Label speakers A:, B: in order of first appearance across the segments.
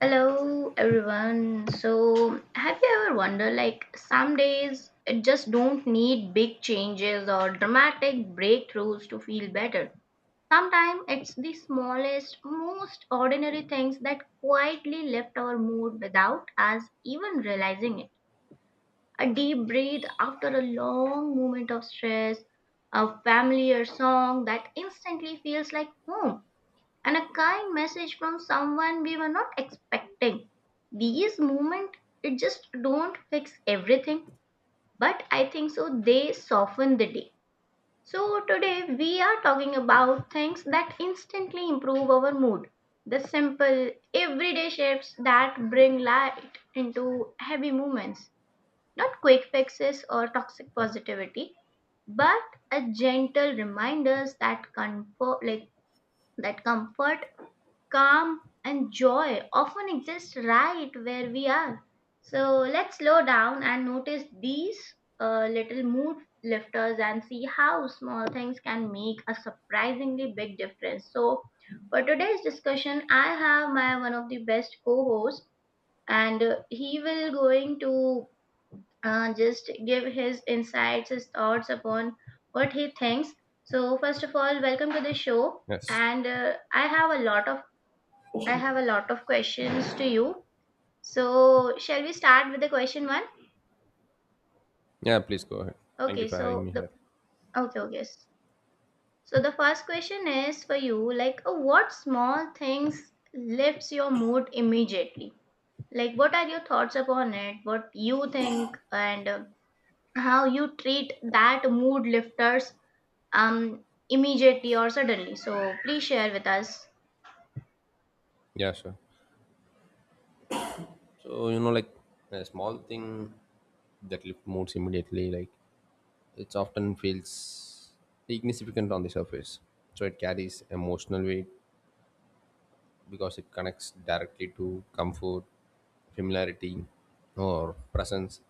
A: Hello everyone. So, have you ever wondered, like, some days it just don't need big changes or dramatic breakthroughs to feel better. Sometimes it's the smallest, most ordinary things that quietly lift our mood without us even realizing it. A deep breath after a long moment of stress, a familiar song that instantly feels like home and a kind message from someone we were not expecting. These moments, it just don't fix everything, but I think so they soften the day. So today we are talking about things that instantly improve our mood. The simple everyday shifts that bring light into heavy moments. Not quick fixes or toxic positivity, but a gentle reminders that comfort like that comfort, calm and joy often exist right where we are. So let's slow down and notice these little mood lifters and see how small things can make a surprisingly big difference. So for today's discussion, I have my one of the best co-hosts, and he will going to just give his insights, his thoughts upon what he thinks. So first of all, welcome to the show
B: Yes.
A: and I have a lot of questions to you. So, shall we start with the question one?
B: Yeah, please go ahead. Thank you
A: Okay,
B: for having
A: so
B: me
A: the
B: here.
A: okay, okay. s- So the first question is for you, like, what small things lifts your mood immediately? Like what are your thoughts upon it? What you think? And how you treat that mood lifters immediately or suddenly. So, please share with us.
B: Yeah, sure. So, like a small thing that lift moods immediately, like it often feels insignificant on the surface. So it carries emotional weight because it connects directly to comfort, familiarity, or presence,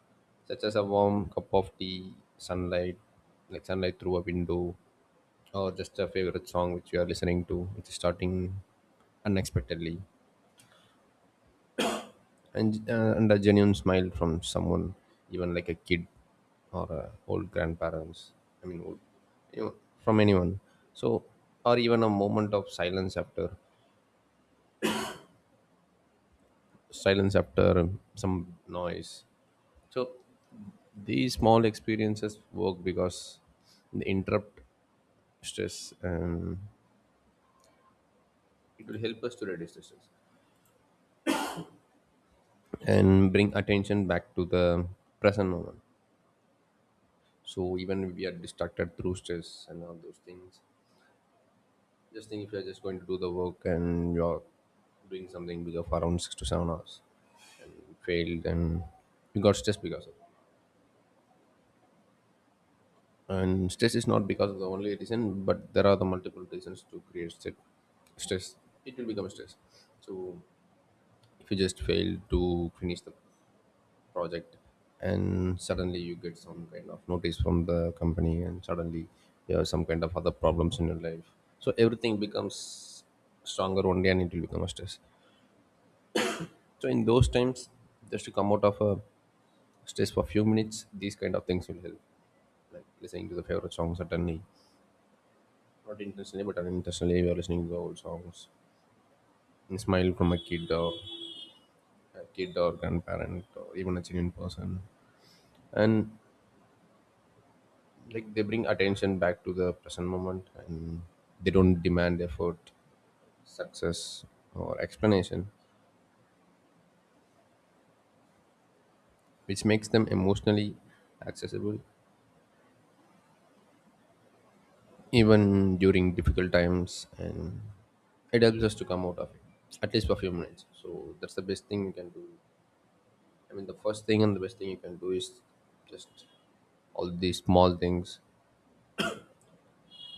B: such as a warm cup of tea, sunlight, like sunlight through a window, or just a favorite song which you are listening to, which is starting unexpectedly, and a genuine smile from someone, even like a kid or old grandparents, I mean old, you know, from anyone. So or even a moment of silence after some noise. So these small experiences work because they interrupt stress, and it will help us to reduce the stress and bring attention back to the present moment. So even if we are distracted through stress and all those things, just think if you're just going to do the work and you're doing something bigger for around 6 to 7 hours, you failed and you got stressed because of it. And stress is not because of the only reason, but there are the multiple reasons to create stress. It will become stress. So if you just fail to finish the project and suddenly you get some kind of notice from the company, and suddenly you have some kind of other problems in your life. So everything becomes stronger only and it will become a stress. So in those times, just to come out of a stress for a few minutes, these kind of things will help. Like listening to the favorite songs certainly. Not intentionally, but unintentionally we are listening to the old songs. And smile from a kid or grandparent or even a genuine person. And like they bring attention back to the present moment, and they don't demand effort, success, or explanation, which makes them emotionally accessible even during difficult times, and it helps us to come out of it at least for a few minutes. So that's the best thing you can do, I mean the first thing and the best thing you can do is just all these small things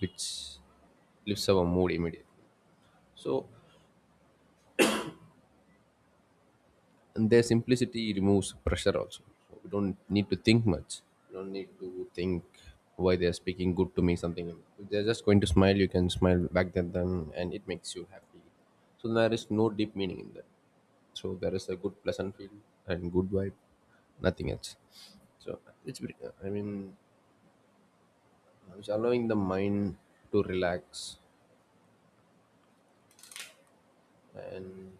B: which lifts our mood immediately. So and their simplicity removes pressure also. So we don't need to think much. We don't need to think why they are speaking good to me, something like that. If they're just going to smile you can smile back at them, and it makes you happy. So there is no deep meaning in that. So there is a good pleasant feel and good vibe, nothing else. So I mean it's allowing the mind to relax. And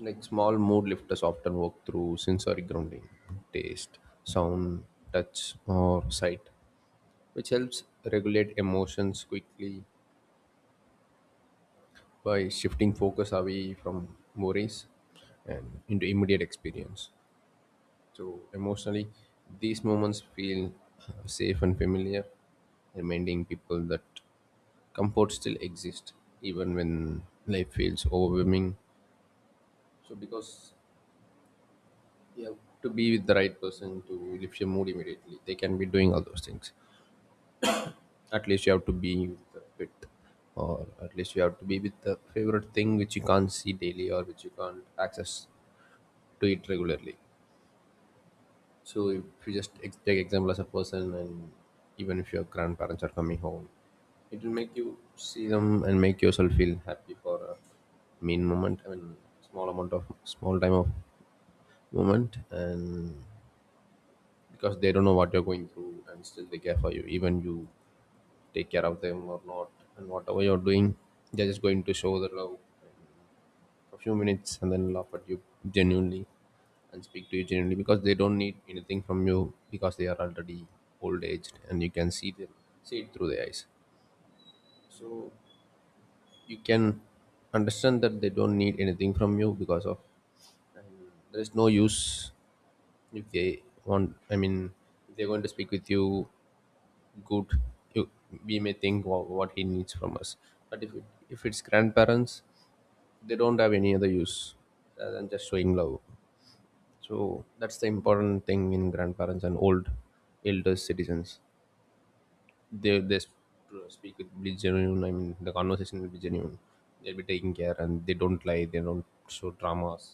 B: like small mood lifters often work through sensory grounding, taste, sound, touch, or sight, which helps regulate emotions quickly by shifting focus away from worries and into immediate experience. So, emotionally, these moments feel safe and familiar, reminding people that comfort still exists even when life feels overwhelming. So, because you have to be with the right person to lift your mood immediately. They can be doing all those things. At least you have to be with the fit, or at least you have to be with the favorite thing which you can't see daily, or which you can't access to it regularly. So if you just take example as a person, and even if your grandparents are coming home, it will make you see them and make yourself feel happy for a mean moment. I mean, small amount of small time of moment. And because they don't know what you're going through, and still they care for you even you take care of them or not, and whatever you're doing, they're just going to show the love for a few minutes and then laugh at you genuinely and speak to you genuinely, because they don't need anything from you, because they are already old aged, and you can see them, see it through their eyes. So you can understand that they don't need anything from you because of, and there is no use if they want, I mean if they're going to speak with you good, you, we may think, wow, what he needs from us? But if it's grandparents, they don't have any other use other than just showing love. So that's the important thing in grandparents and old elder citizens, they speak with be genuine, I mean the conversation will be genuine. They'll be taking care, and they don't lie, they don't show dramas,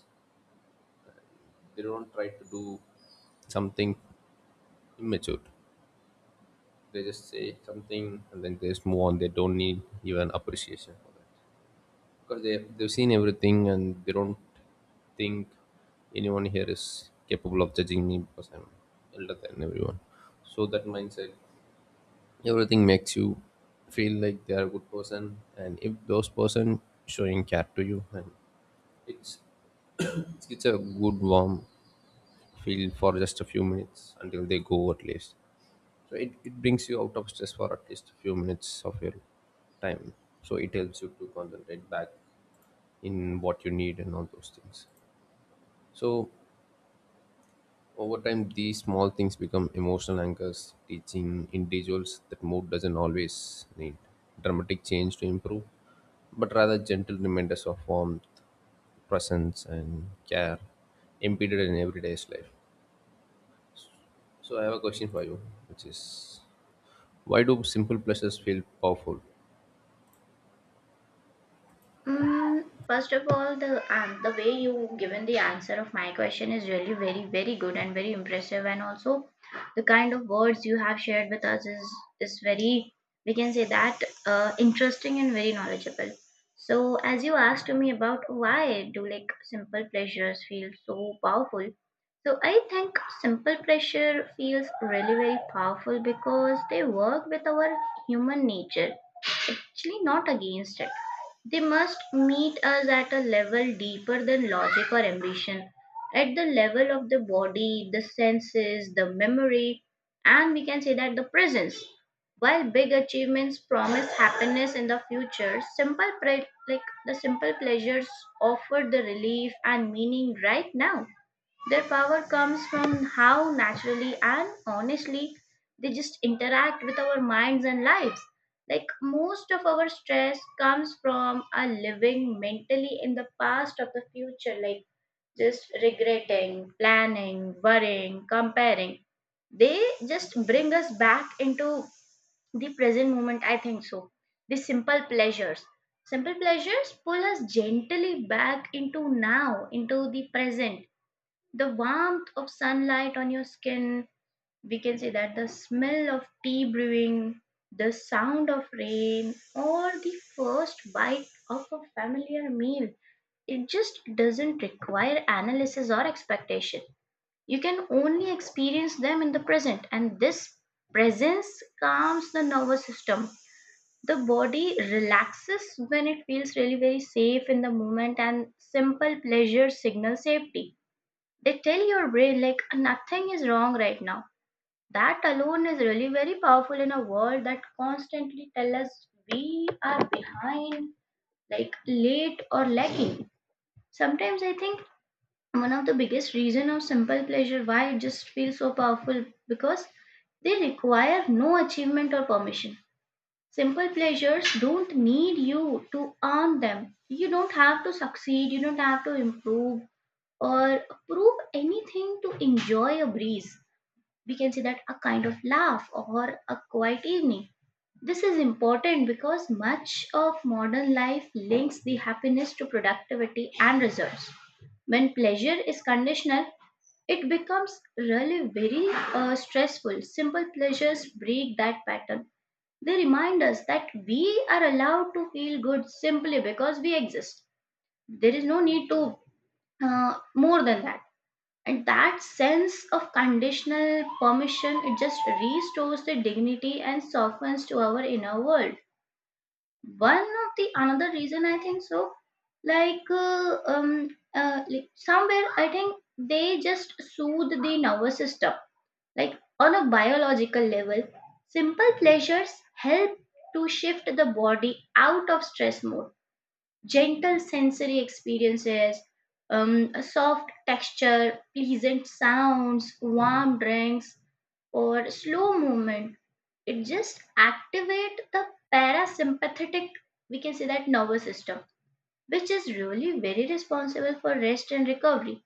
B: they don't try to do something immature. They just say something and then they just move on. They don't need even appreciation, because they've seen everything, and they don't think anyone here is capable of judging me because I'm elder than everyone. So that mindset, everything makes you feel like they are a good person, and if those person showing care to you, and it's it's a good warm feel for just a few minutes until they go at least. So it brings you out of stress for at least a few minutes of your time. So it helps you to concentrate back in what you need and all those things. So over time, these small things become emotional anchors, teaching individuals that mood doesn't always need dramatic change to improve, but rather gentle reminders of warmth, presence, and care embedded in everyday's life. So I have a question for you, which is, why do simple pleasures feel powerful?
A: First of all, the way you given the answer of my question is really very good and very impressive, and also the kind of words you have shared with us is very, we can say that, interesting and very knowledgeable. So as you asked to me about why do like simple pleasures feel so powerful, so I think simple pleasure feels really very powerful because they work with our human nature, actually not against it. They must meet us at a level deeper than logic or ambition, at the level of the body, the senses, the memory, and we can say that the presence. While big achievements promise happiness in the future, like the simple pleasures offer the relief and meaning right now. Their power comes from how naturally and honestly they just interact with our minds and lives. Like, most of our stress comes from our living mentally in the past of the future, like just regretting, planning, worrying, comparing. They just bring us back into the present moment, I think so. The simple pleasures. Simple pleasures pull us gently back into now, into the present, the warmth of sunlight on your skin, we can say that, the smell of tea brewing, the sound of rain, or the first bite of a familiar meal. It just doesn't require analysis or expectation. You can only experience them in the present, and this presence calms the nervous system. The body relaxes when it feels really very safe in the moment, and simple pleasure signals safety. They tell your brain, like, nothing is wrong right now. That alone is really very powerful in a world that constantly tell us we are behind, like, late or lacking. Sometimes I think one of the biggest reason of simple pleasure why it just feels so powerful because they require no achievement or permission. Simple pleasures don't need you to earn them. You don't have to succeed, you don't have to improve or prove anything to enjoy a breeze. We can say that a kind of laugh or a quiet evening. This is important because much of modern life links the happiness to productivity and results. When pleasure is conditional, it becomes really very stressful. Simple pleasures break that pattern. They remind us that we are allowed to feel good simply because we exist. There is no need to, more than that. And that sense of conditional permission, it just restores the dignity and softens to our inner world. One of the another reason I think so, like somewhere I think they just soothe the nervous system, like on a biological level, simple pleasures help to shift the body out of stress mode. Gentle sensory experiences, a soft texture, pleasant sounds, warm drinks, or slow movement. It just activate the parasympathetic, we can say that, nervous system, which is really very responsible for rest and recovery.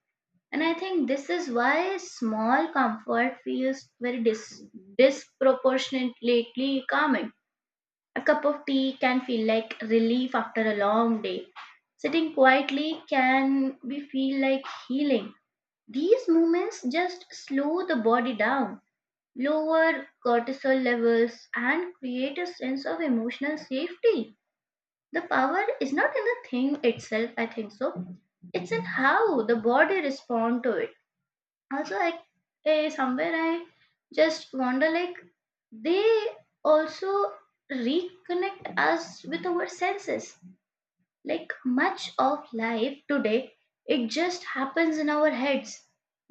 A: And I think this is why small comfort feels very disproportionately calming. A cup of tea can feel like relief after a long day. Sitting quietly can be feel like healing. These moments just slow the body down, lower cortisol levels, and create a sense of emotional safety. The power is not in the thing itself, I think so. It's in how the body responds to it. Also, like, somewhere I just wonder, like, they also reconnect us with our senses. Like, much of life today, it just happens in our heads,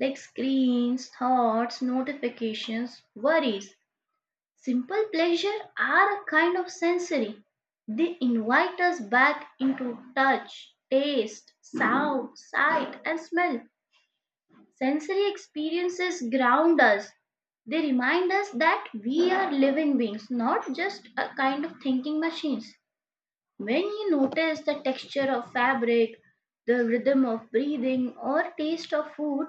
A: like screens, thoughts, notifications, worries. Simple pleasure are a kind of sensory. They invite us back into touch, taste, sound, sight and smell. Sensory experiences ground us. They remind us that we are living beings, not just a kind of thinking machines. When you notice the texture of fabric, the rhythm of breathing, or taste of food,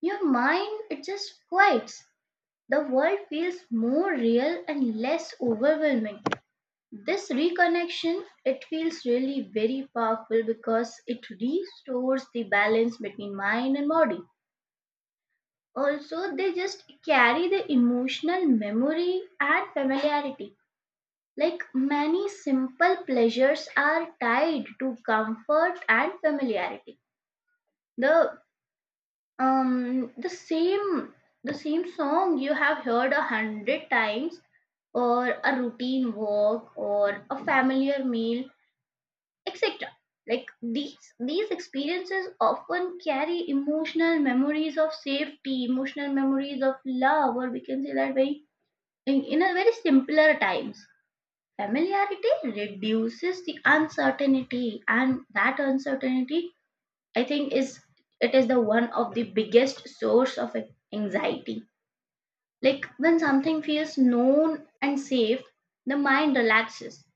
A: your mind it just quiets. The world feels more real and less overwhelming. This reconnection it feels really very powerful because it restores the balance between mind and body. Also, they just carry the emotional memory and familiarity. Like, many simple pleasures are tied to comfort and familiarity. The um the same the same song you have heard a hundred times, or a routine walk, or a familiar meal, etc. Like, these experiences often carry emotional memories of safety, emotional memories of love, or we can say that very, in a very simpler times. Familiarity reduces the uncertainty, and that uncertainty, I think is, it is the one of the biggest source of anxiety. Like, when something feels known and safe, the mind relaxes.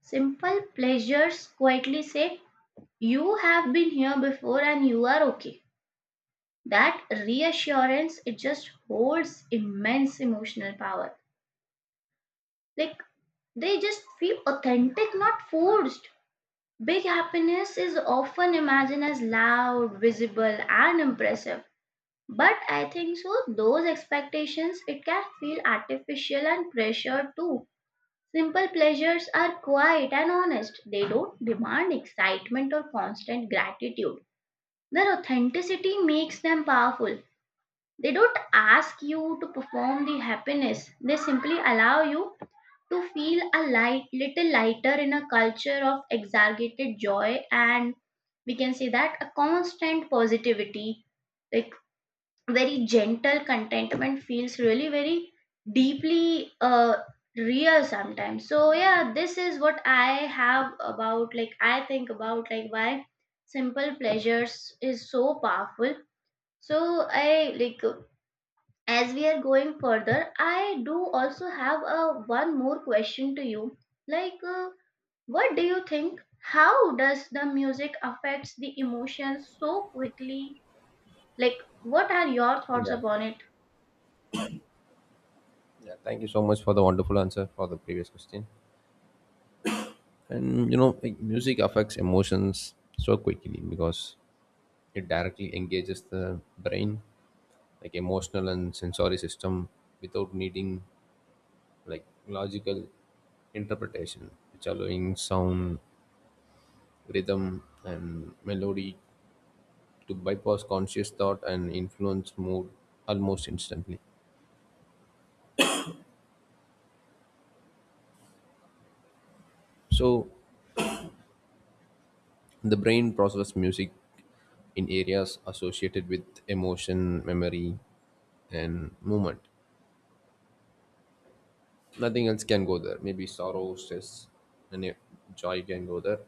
A: Simple pleasures quietly say, you have been here before and you are okay. That reassurance it just holds immense emotional power. Like, they just feel authentic, not forced. Big happiness is often imagined as loud, visible, and impressive. But I think so, those expectations, it can feel artificial and pressured too. Simple pleasures are quiet and honest. They don't demand excitement or constant gratitude. Their authenticity makes them powerful. They don't ask you to perform the happiness, they simply allow you to feel a light, little lighter in a culture of exaggerated joy and, we can say that, a constant positivity, like, very gentle contentment feels really very deeply, real sometimes. So yeah, this is what I have about, like, I think about like why simple pleasures is so powerful. So I like, as we are going further, I do also have a one more question to you, like, what do you think, how does the music affects the emotions so quickly? Like, what are your thoughts
B: Yeah.
A: upon it?
B: Yeah. Thank you so much for the wonderful answer for the previous question. And like music affects emotions so quickly because it directly engages the brain, like emotional and sensory system, without needing like logical interpretation, which allowing sound, rhythm, and melody to bypass conscious thought and influence mood almost instantly. So the brain processes music in areas associated with emotion, memory, and movement. Nothing else can go there. Maybe sorrow, stress, and joy can go there.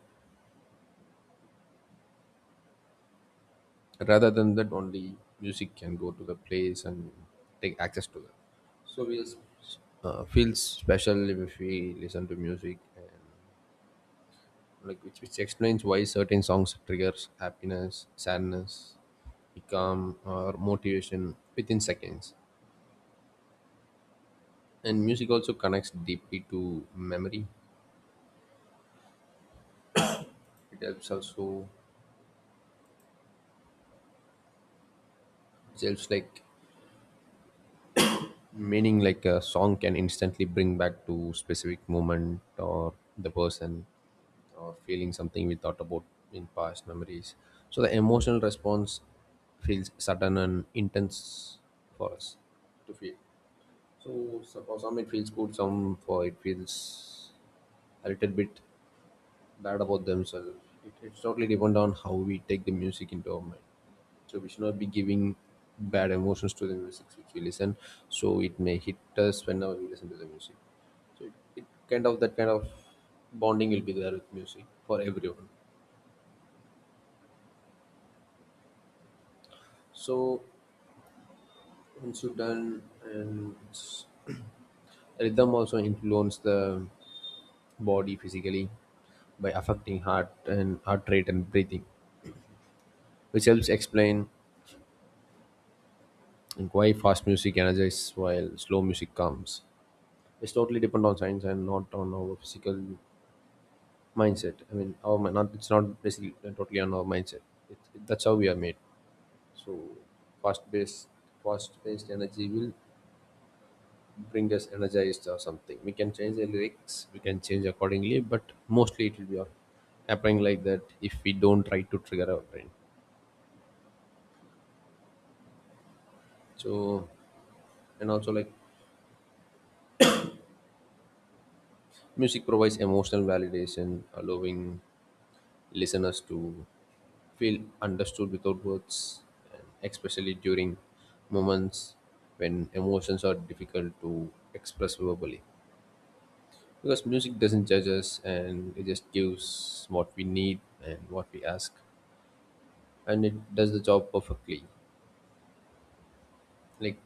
B: Rather than that, only music can go to the place and take access to that. So we feel special if we listen to music, and like which explains why certain songs triggers happiness, sadness become, or motivation within seconds. And music also connects deeply to memory. It helps also, it helps like meaning, like a song can instantly bring back to specific moment, or the person, or feeling something we thought about in past memories. So the emotional response feels sudden and intense for us to feel. So for some it feels good, some for it feels a little bit bad about themselves. It's totally depend on how we take the music into our mind. So we should not be giving bad emotions to the music which we listen. So it may hit us whenever we listen to the music. So it kind of, that kind of bonding will be there with music for everyone. So once you've done and rhythm also influence the body physically by affecting heart and heart rate and breathing, which helps explain, like, why fast music energizes while slow music calms? It's totally depend on science and not on our physical mindset. I mean, our not, it's not basically totally on our mindset. It, that's how we are made. So fast based fast paced energy will bring us energized or something. We can change the lyrics, we can change accordingly, but mostly it will be all happening like that if we don't try to trigger our brain. So, and also like music provides emotional validation, allowing listeners to feel understood without words, and especially during moments when emotions are difficult to express verbally. Because music doesn't judge us, and it just gives what we need and what we ask, and it does the job perfectly. Like,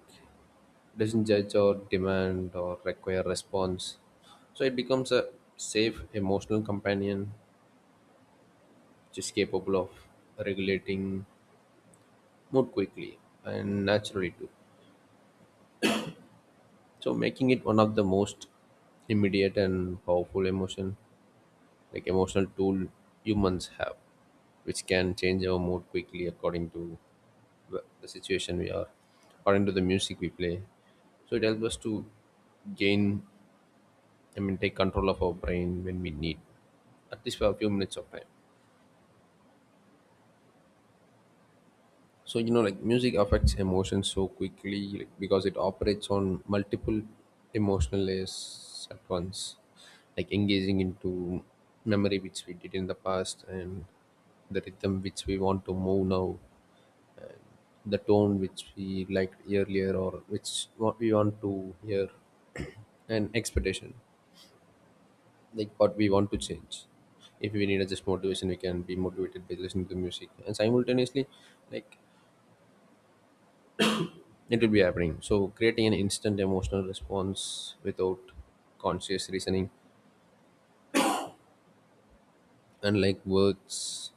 B: doesn't judge or demand or require response. So it becomes a safe emotional companion which is capable of regulating mood quickly and naturally too. So making it one of the most immediate and powerful emotion, like emotional tool humans have, which can change our mood quickly according to the situation we are, according to the music we play. So it helps us to gain, I mean take control of our brain when we need, at least for a few minutes of time. So like music affects emotions so quickly, like, because it operates on multiple emotional layers at once, like engaging into memory which we did in the past, and the rhythm which we want to move now, the tone which we liked earlier or which what we want to hear and expectation, like what we want to change. If we need a just motivation we can be motivated by listening to music, and simultaneously, like, it will be happening. So, creating an instant emotional response without conscious reasoning, unlike words,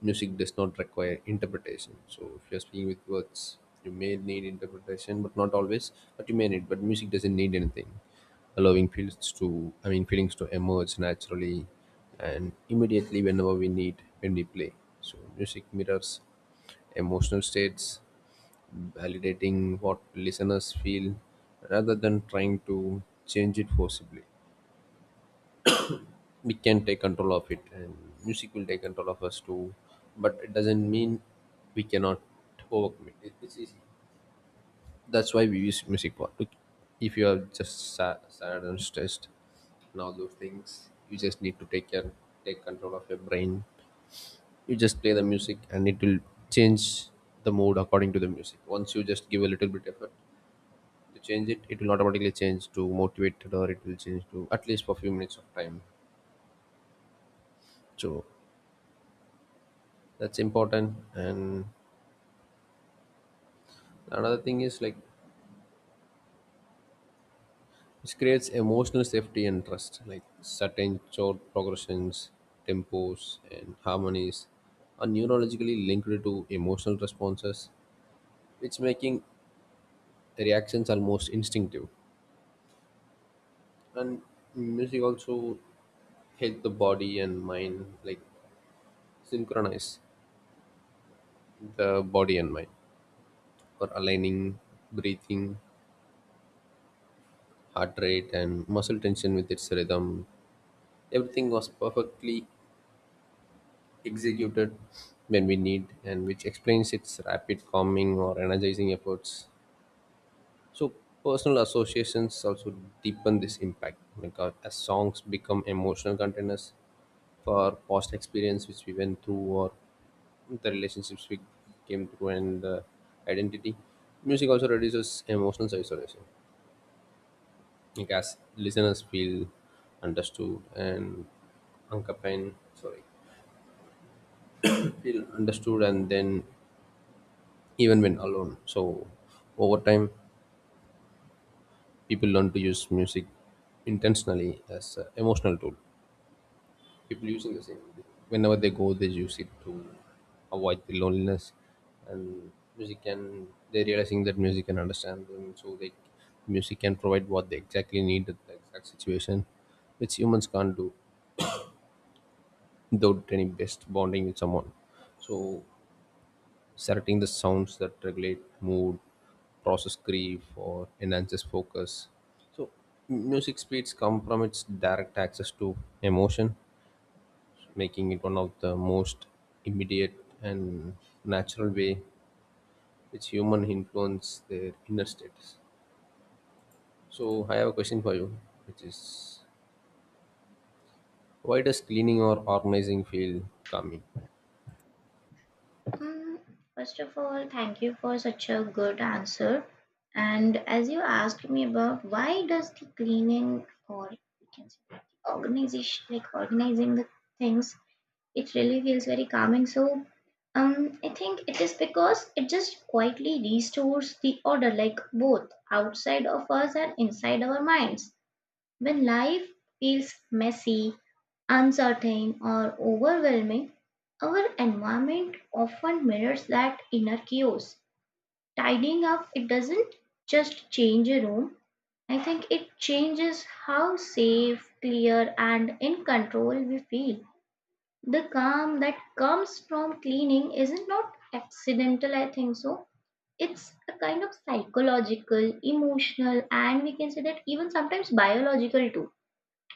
B: music does not require interpretation. So, if you're speaking with words, you may need interpretation, but not always. But you may need. But music doesn't need anything, allowing feelings to, I mean, feelings to emerge naturally and immediately whenever we need when we play. So, music mirrors emotional states, validating what listeners feel rather than trying to change it forcibly. We can take control of it, and music will take control of us too. But it doesn't mean we cannot overcome it. It's easy. That's why we use music for. Look, if you are just sad and stressed, and all those things, you just need to take care, take control of your brain. You just play the music, and it will change the mood according to the music. Once you just give a little bit effort to change it, it will automatically change to motivated, or it will change to at least for few minutes of time. So that's important. And another thing is, like, this creates emotional safety and trust. Like certain chord progressions, tempos, and harmonies are neurologically linked to emotional responses, which making reactions almost instinctive. And music also help the body and mind, like, synchronize the body and mind for aligning breathing, heart rate, and muscle tension with its rhythm. Everything was perfectly executed when we need, and which explains its rapid calming or energizing efforts. So, personal associations also deepen this impact. Like as songs become emotional containers for past experience which we went through, or the relationships we came through, and identity. Music also reduces emotional isolation, like as listeners feel understood and accompanied, sorry, feel understood, and then even when alone. So over time people learn to use music intentionally as an emotional tool, people using the same whenever they go, they use it to avoid the loneliness. And music can, they're realizing that music can understand them, so they, music can provide what they exactly need at the exact situation, which humans can't do without any best bonding with someone. So selecting the sounds that regulate mood, process grief, or enhances focus. So music speeds come from its direct access to emotion, making it one of the most immediate and natural way which human influence their inner states. So I have a question for you, which is, why does cleaning or organizing feel calming?
A: Hmm. First of all, thank you for such a good answer. And as you asked me about why does the cleaning, or we can say organization, like organizing the things, it really feels very calming. So, I think it is because it just quietly restores the order, like both outside of us and inside our minds. When life feels messy, uncertain, or overwhelming, our environment often mirrors that inner chaos. Tidying up, it doesn't just change a room. I think it changes how safe, clear, and in control we feel. The calm that comes from cleaning isn't not accidental, I think so. It's a kind of psychological, emotional, and we can say that even sometimes biological too.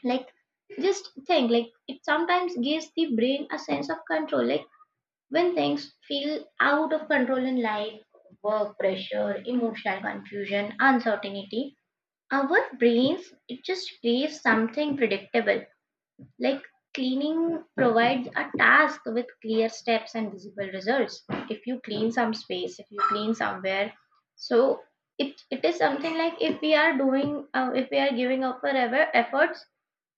A: Like, just think, like, it sometimes gives the brain a sense of control. Like, when things feel out of control in life, work pressure, emotional confusion, uncertainty, our brains, it just craves something predictable, like cleaning provides a task with clear steps and visible results. If you clean some space, if you clean somewhere, so it is something like if we are doing, if we are giving up our ever efforts.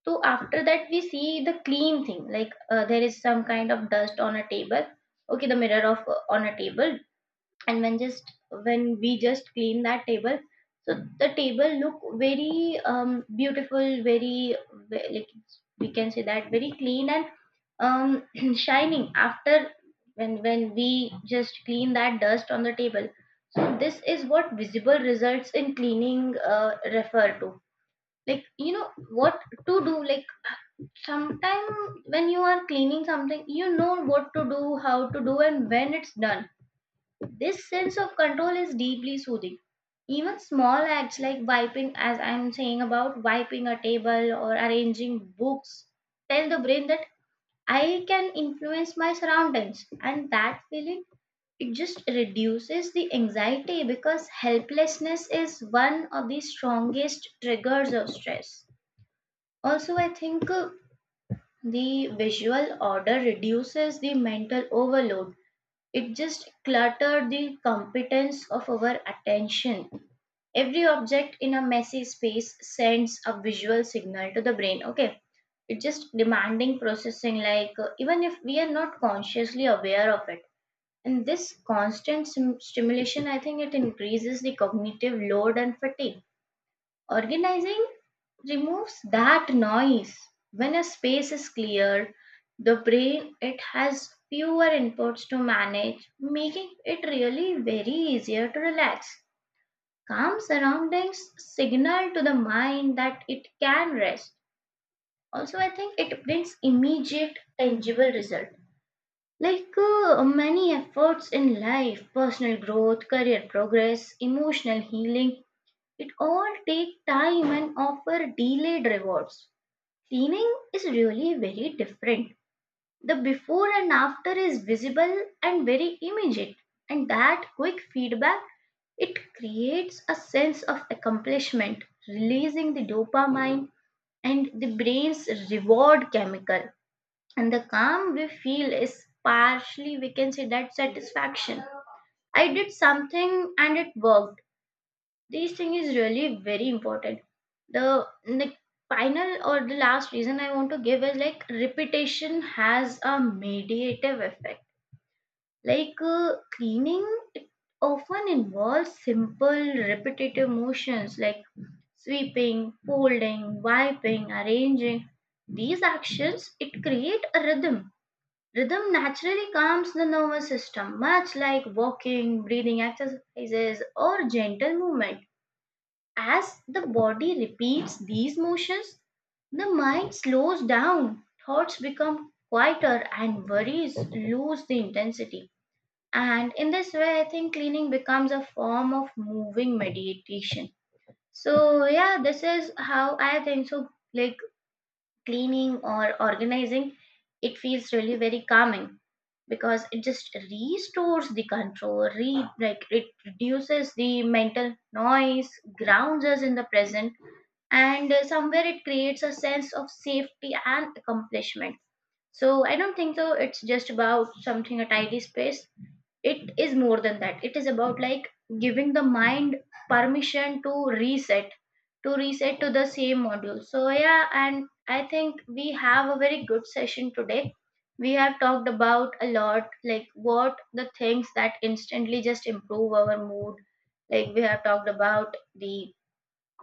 A: So after that we see the clean thing. Like, there is some kind of dust on a table. Okay, the mirror of on a table. And when we just clean that table, so the table look very beautiful, very like we can say that very clean and shining after when we just clean that dust on the table. So this is what visible results in cleaning refer to. Like, you know what to do, like sometime when you are cleaning something, you know what to do, how to do, and when it's done, this sense of control is deeply soothing. Even small acts like wiping, as I'm saying about wiping a table or arranging books, tell the brain that I can influence my surroundings, and that feeling, it just reduces the anxiety because helplessness is one of the strongest triggers of stress. Also, I think, the visual order reduces the mental overload. It just cluttered the competence of our attention. Every object in a messy space sends a visual signal to the brain. Okay, it's just demanding processing, like, even if we are not consciously aware of it. And this constant stimulation, I think it increases the cognitive load and fatigue. Organizing removes that noise. When a space is clear, the brain, it has fewer inputs to manage, making it really very easier to relax. Calm surroundings signal to the mind that it can rest. Also, I think it brings immediate tangible result. Like, many efforts in life, personal growth, career progress, emotional healing, it all takes time and offer delayed rewards. Cleaning is really very different. The before and after is visible and very immediate, and that quick feedback, it creates a sense of accomplishment, releasing the dopamine and the brain's reward chemical. And the calm we feel is partially, we can say, that satisfaction. I did something and it worked. This thing is really very important. The final or the last reason I want to give is like repetition has a mediative effect. Like, cleaning, it often involves simple repetitive motions like sweeping, folding, wiping, arranging. These actions, it create a rhythm. Rhythm naturally calms the nervous system, much like walking, breathing exercises, or gentle movement. As the body repeats these motions, the mind slows down, thoughts become quieter, and worries lose the intensity. And in this way, I think cleaning becomes a form of moving meditation. So, yeah, this is how I think. So, like, cleaning or organizing, it feels really very calming because it just restores the control, like it reduces the mental noise, grounds us in the present, and somewhere it creates a sense of safety and accomplishment. So I don't think so it's just about something, a tidy space. It is more than that. It is about, like, giving the mind permission to reset, to reset to the same module. So, yeah, and I think we have a very good session today. We have talked about a lot, like what the things that instantly just improve our mood. Like, we have talked about the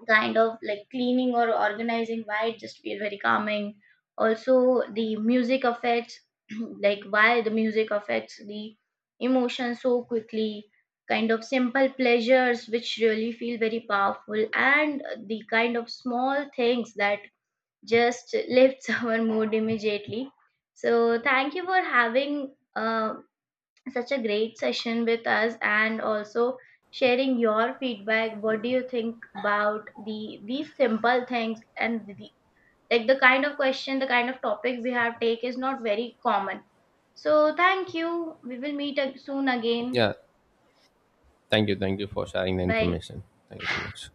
A: kind of like cleaning or organizing, why it just feel very calming. Also the music affects, like why the music affects the emotion so quickly. Kind of simple pleasures which really feel very powerful, and the kind of small things that just lifts our mood immediately. So thank you for having, such a great session with us and also sharing your feedback. What do you think about the these simple things, and the, like, the kind of question, the kind of topic we have take is not very common. So thank you. We will meet soon again.
B: Yeah, thank you for sharing the
A: Bye.
B: information. Thank you so much.